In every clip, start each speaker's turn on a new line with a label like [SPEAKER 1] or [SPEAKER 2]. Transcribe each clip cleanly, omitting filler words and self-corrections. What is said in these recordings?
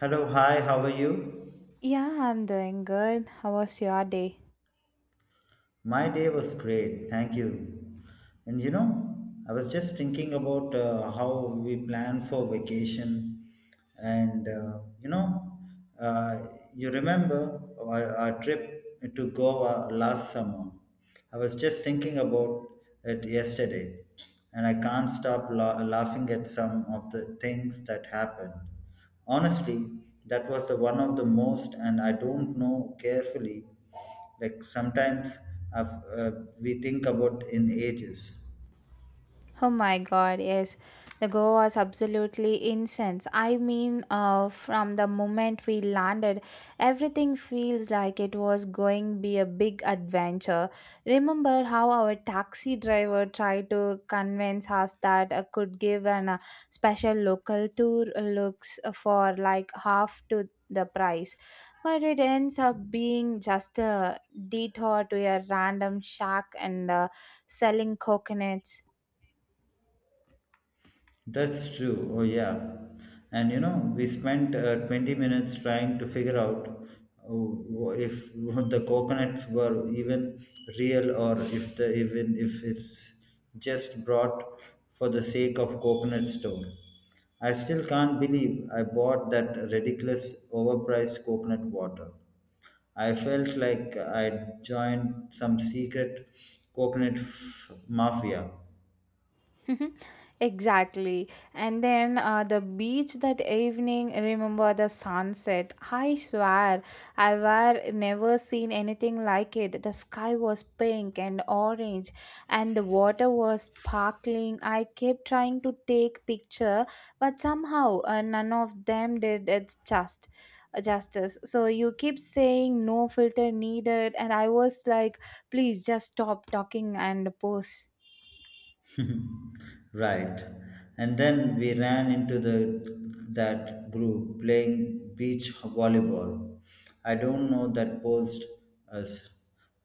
[SPEAKER 1] Hello, hi, how are you?
[SPEAKER 2] Yeah, I'm doing good. How was your day?
[SPEAKER 1] My day was great, thank you. And you know, I was just thinking about how we plan for vacation. And uh, you know, uh, you remember our trip to Goa last summer. I was just thinking about it yesterday, and I can't stop laughing at some of the things that happened. Honestly, that was the one of the most, and I don't know carefully. Like sometimes I've, uh, we think about in ages.
[SPEAKER 2] Oh my God, yes. The go was absolutely incense. I mean, from the moment we landed, everything feels like it was going be a big adventure. Remember how our taxi driver tried to convince us that I could give an special local tour looks for like half to the price. But it ends up being just a detour to a random shack and selling coconuts.
[SPEAKER 1] That's true. Oh, yeah. And you know, we spent 20 minutes trying to figure out if the coconuts were even real or if the even if it's just brought for the sake of coconut store. I still can't believe I bought that ridiculous overpriced coconut water. I felt like I joined some secret mafia.
[SPEAKER 2] Exactly. And then the beach that evening, remember the sunset. I swear, I were never seen anything like it. The sky was pink and orange, and the water was sparkling. I kept trying to take picture, but somehow none of them did its just justice. So you keep saying no filter needed, and I was like, please just stop talking and pose.
[SPEAKER 1] Right. And then we ran into the that group playing beach volleyball. I don't know that posed us,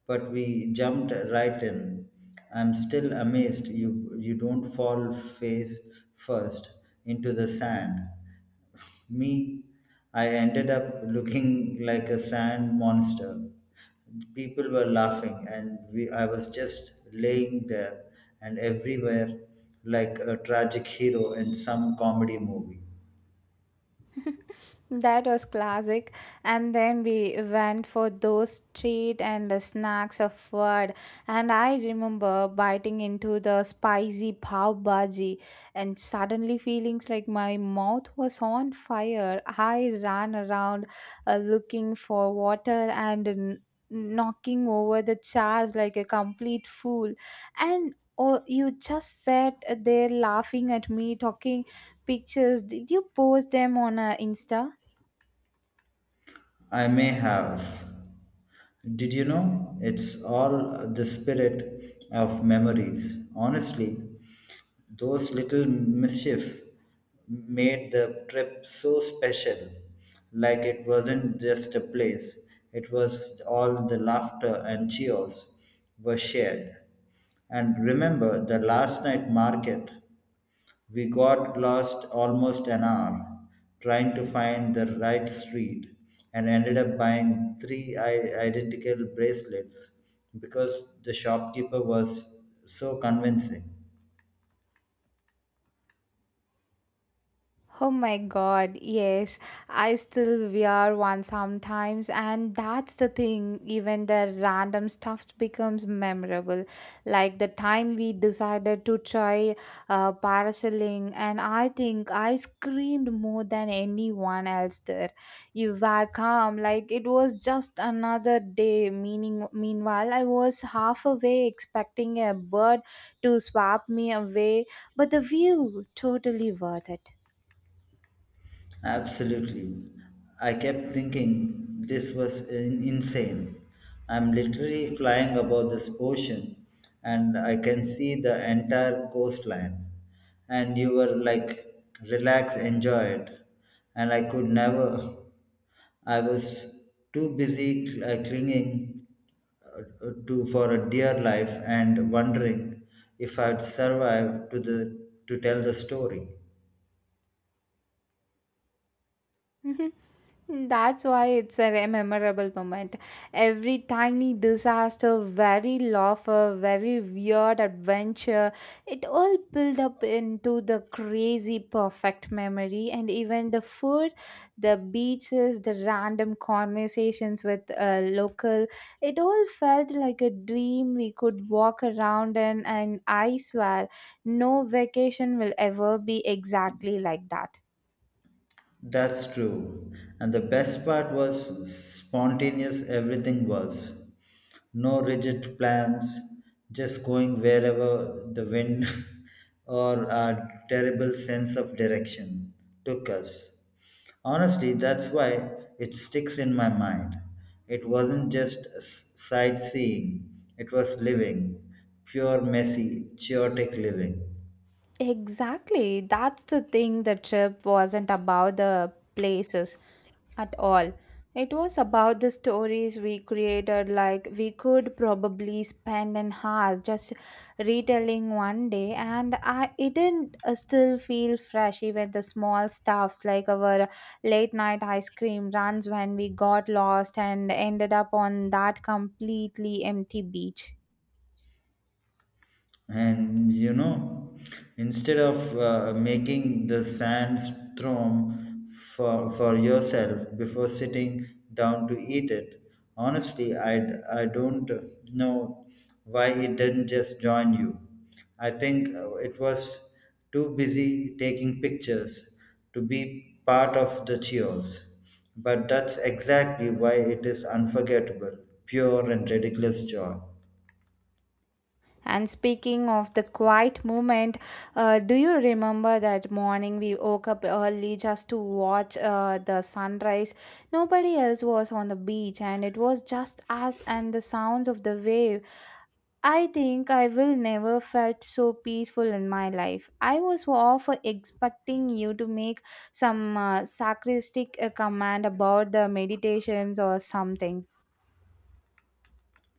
[SPEAKER 1] but we jumped right in. I'm still amazed you don't fall face first into the sand. Me, I ended up looking like a sand monster. People were laughing, and I was just laying there and everywhere like a tragic hero in some comedy movie.
[SPEAKER 2] That was classic. And then we went for those treat and the snacks of food. And I remember biting into the spicy pav bhaji and suddenly feeling like my mouth was on fire. I ran around looking for water and knocking over the chairs like a complete fool. And oh, you just sat there laughing at me, talking pictures did you post them on insta.
[SPEAKER 1] I may have. Did you know? It's all the spirit of memories. Honestly, those little mischiefs made the trip so special. Like it wasn't just a place, it was all the laughter and cheers were shared. And remember the last night market. We got lost almost an hour trying to find the right street and ended up buying identical bracelets because the shopkeeper was so convincing.
[SPEAKER 2] Oh my God, yes. I still wear one sometimes and that's the thing, even the random stuff becomes memorable. Like the time we decided to try parasailing and I think I screamed more than anyone else there. You were calm like it was just another day meaning meanwhile I was half away expecting a bird to swap me away, but the view totally worth it.
[SPEAKER 1] Absolutely. I kept thinking this was insane. I'm literally flying above this ocean and I can see the entire coastline. And you were like, relax, enjoy it. And I could never, I was too busy clinging uh, to for a dear life and wondering if I'd survive to tell the story.
[SPEAKER 2] Mhm. That's why it's a memorable moment. Every tiny disaster, very laughter, very weird adventure, it all build up into the crazy perfect memory. And even the food, the beaches, the random conversations with a local, it all felt like a dream we could walk around in. And I swear, no vacation will ever be exactly like that.
[SPEAKER 1] That's true. And the best part was spontaneous everything was. No rigid plans, just going wherever the wind or our terrible sense of direction took us. Honestly, that's why it sticks in my mind. It wasn't just sightseeing, it was living, pure, messy, chaotic living.
[SPEAKER 2] Exactly. That's the thing. The trip wasn't about the places at all. It was about the stories we created. Like, we could probably spend an hour just retelling one day, and I it didn't still feel fresh. Even the small stuffs like our late night ice cream runs when we got lost and ended up on that completely empty beach.
[SPEAKER 1] And you know, instead of making the sandstorm for yourself before sitting down to eat it. Honestly, I don't know why it didn't just join you. I think it was too busy taking pictures to be part of the cheers, but that's exactly why it is unforgettable, pure and ridiculous joy.
[SPEAKER 2] And speaking of the quiet moment, do you remember that morning we woke up early just to watch the sunrise? Nobody else was on the beach, and it was just us and the sounds of the wave. I think I will never felt so peaceful in my life. I was off expecting you to make some sarcastic comment about the meditations or something.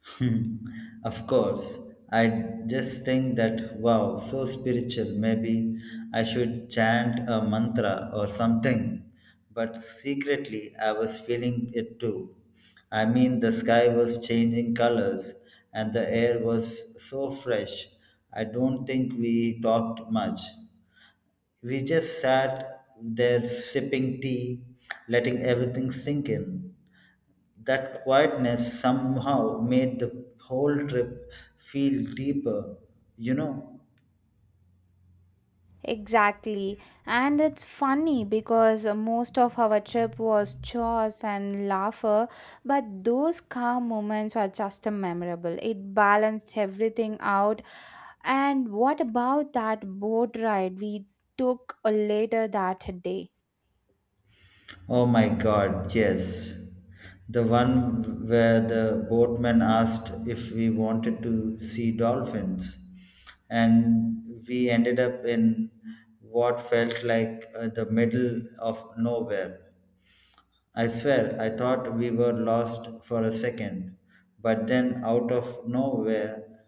[SPEAKER 1] Hmm, of course. I just think that, wow, so spiritual. Maybe I should chant a mantra or something. But secretly, I was feeling it too. I mean, the sky was changing colors and the air was so fresh. I don't think we talked much. We just sat there sipping tea, letting everything sink in. That quietness somehow made the whole trip feel deeper, you know.
[SPEAKER 2] Exactly. And it's funny because most of our trip was chores and laughter, but those calm moments were just memorable. It balanced everything out. And what about that boat ride we took later that day?
[SPEAKER 1] Oh my god, yes. The one where the boatman asked if we wanted to see dolphins, and we ended up in what felt like the middle of nowhere. I swear, I thought we were lost for a second, but then out of nowhere,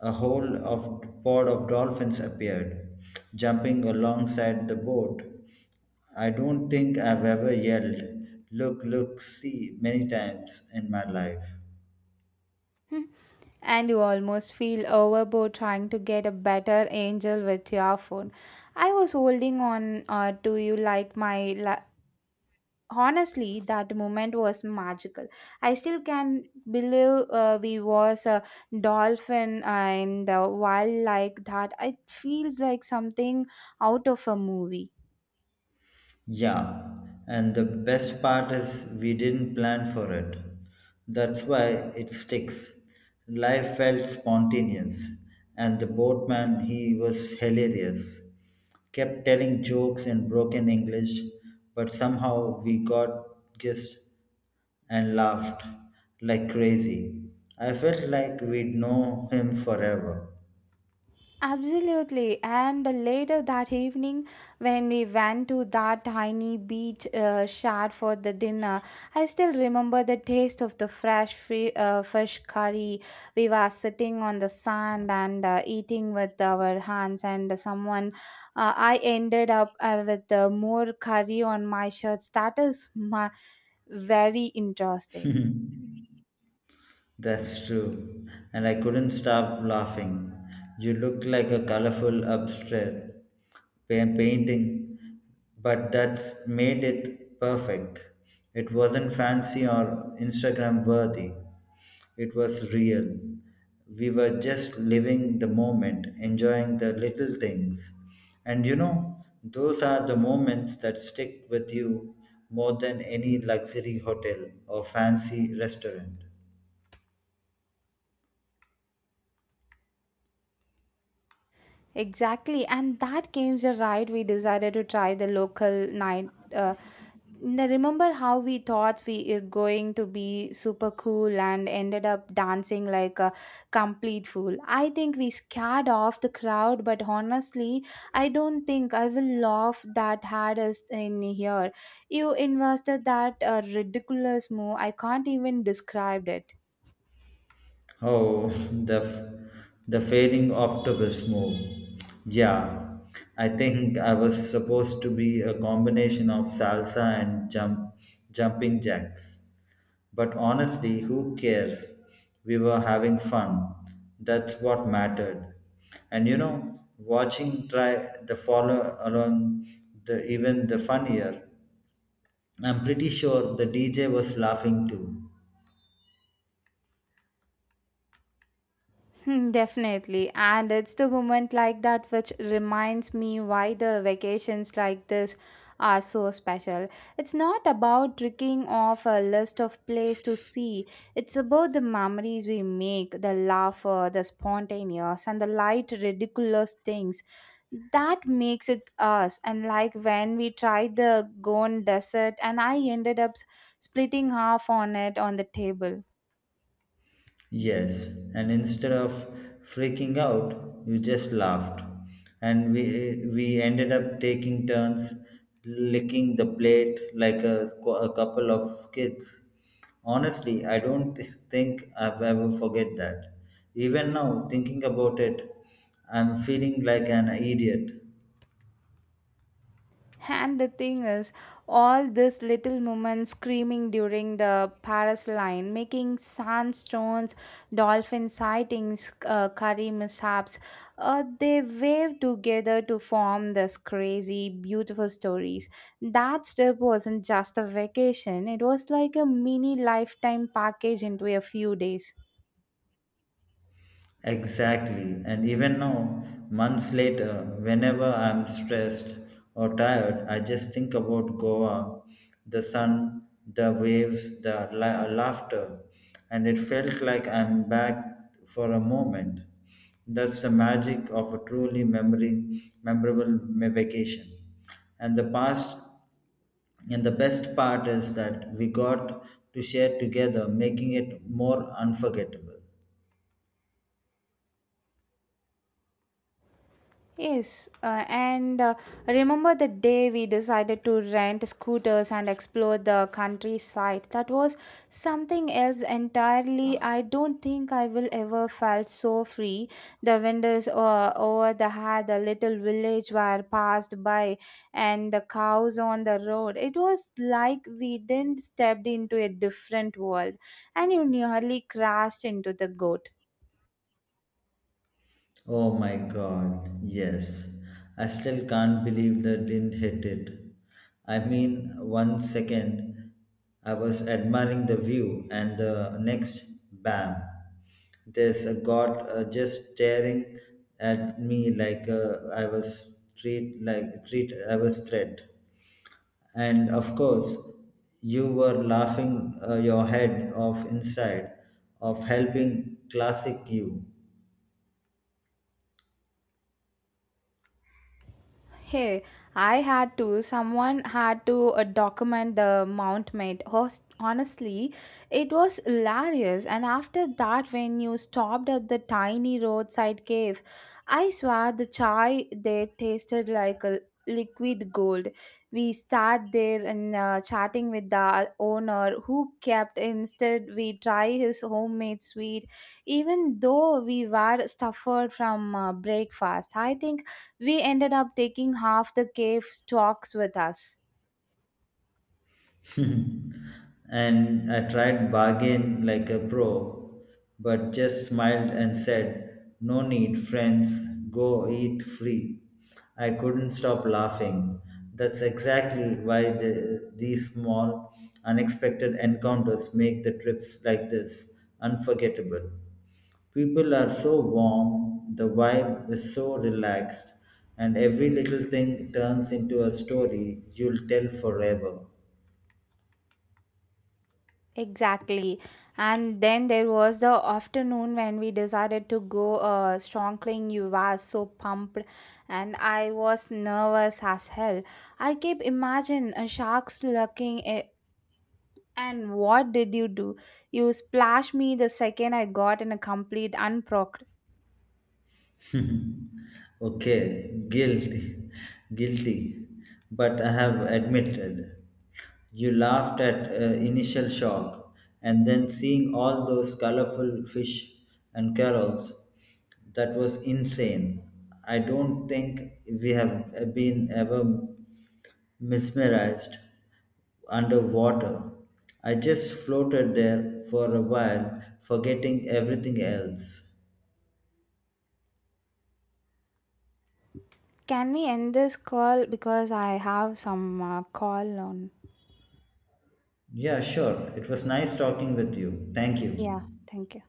[SPEAKER 1] a whole of pod of dolphins appeared, jumping alongside the boat. I don't think I've ever yelled, look, look, see, many times in my life.
[SPEAKER 2] And you almost feel overboard trying to get a better angel with your phone. I was holding on to you like my. La- Honestly, that moment was magical. I still can believe we was a dolphin and the wild like that. It feels like something out of a movie.
[SPEAKER 1] Yeah, and the best part is we didn't plan for it. That's why it sticks. Life felt spontaneous, and the boatman, he was hilarious. Kept telling jokes in broken English, but somehow we got gist and laughed like crazy. I felt like we'd know him forever.
[SPEAKER 2] Absolutely. And later that evening, when we went to that tiny beach shack for the dinner, I still remember the taste of the fresh fish curry. We were sitting on the sand and eating with our hands, and someone, I ended up with more curry on my shirts. That is my, very interesting.
[SPEAKER 1] That's true. And I couldn't stop laughing. You looked like a colorful abstract painting, but that's made it perfect. It wasn't fancy or Instagram worthy. It was real. We were just living the moment, enjoying the little things. And you know, those are the moments that stick with you more than any luxury hotel or fancy restaurant.
[SPEAKER 2] Exactly, and that came the ride we decided to try the local night. Remember how we thought we were going to be super cool and ended up dancing like a complete fool. I think we scared off the crowd, but honestly, I don't think I will laugh that had us in here. You invested that ridiculous move. I can't even describe it.
[SPEAKER 1] Oh, the failing octopus move. Yeah, I think I was supposed to be a combination of salsa and jumping jacks. But honestly, who cares? We were having fun. That's what mattered. And you know, watching try the follow along the even the funnier. I'm pretty sure the DJ was laughing too.
[SPEAKER 2] Hmm, definitely. And it's the moment like that which reminds me why the vacations like this are so special. It's not about tricking off a list of places to see, it's about the memories we make, the laughter, the spontaneous, and the light, ridiculous things. That makes it us. And like when we tried the Gone Desert, and I ended up splitting half on it on the table.
[SPEAKER 1] Yes, and instead of freaking out, you just laughed. And we ended up taking turns licking the plate like a, a couple of kids. Honestly, I don't think I've ever forget that. Even now, thinking about it, I'm feeling like an idiot.
[SPEAKER 2] And the thing is, all these little moments screaming during the Paris line, making sandstones, dolphin sightings, curry mishaps, they wave together to form this crazy, beautiful stories. That trip wasn't just a vacation, it was like a mini lifetime package into a few days.
[SPEAKER 1] Exactly. And even now, months later, whenever I'm stressed or tired, I just think about Goa, the sun, the waves, the laughter. And it felt like I'm back for a moment. That's the magic of a truly memorable vacation. And the past and the best part is that we got to share together, making it more unforgettable.
[SPEAKER 2] Yes, and remember the day we decided to rent scooters and explore the countryside. That was something else entirely. I don't think I will ever felt so free. The windows over the had the little village were passed by, and the cows on the road. It was like we didn't stepped into a different world, and you nearly crashed into the goat.
[SPEAKER 1] Oh my god, yes. I still can't believe that didn't hit it. I mean, one second I was admiring the view, and the next, bam, there's a god just staring at me like I was treat like treat I was threat. And of course, you were laughing your head off inside of helping classic you.
[SPEAKER 2] Hey, I had to. Someone had to document the Mount made. Host, honestly, it was hilarious. And after that, when you stopped at the tiny roadside cave, I swear the chai there tasted like a liquid gold. We sat there and chatting with the owner who kept instead we try his homemade sweet, even though we were suffered from breakfast. I think we ended up taking half the cave stocks with us.
[SPEAKER 1] And I tried bargain like a pro, but just smiled and said, "No need, friends. Go eat free." I couldn't stop laughing. That's exactly why these small, unexpected encounters make the trips like this unforgettable. People are so warm, the vibe is so relaxed, and every little thing turns into a story you'll tell forever.
[SPEAKER 2] Exactly. And then there was the afternoon when we decided to go snorkeling. You were so pumped, and I was nervous as hell. I kept imagine a shark's lurking. A- And what did you do? You splashed me the second I got in a complete unprocked.
[SPEAKER 1] Okay, guilty, guilty. But I have admitted. You laughed at initial shock, and then seeing all those colorful fish and carols, that was insane. I don't think we have been ever mesmerized underwater. I just floated there for a while, forgetting everything else.
[SPEAKER 2] Can we end this call because I have some call on?
[SPEAKER 1] Yeah, sure. It was nice talking with you. Thank
[SPEAKER 2] Yeah,
[SPEAKER 1] you.
[SPEAKER 2] thank you.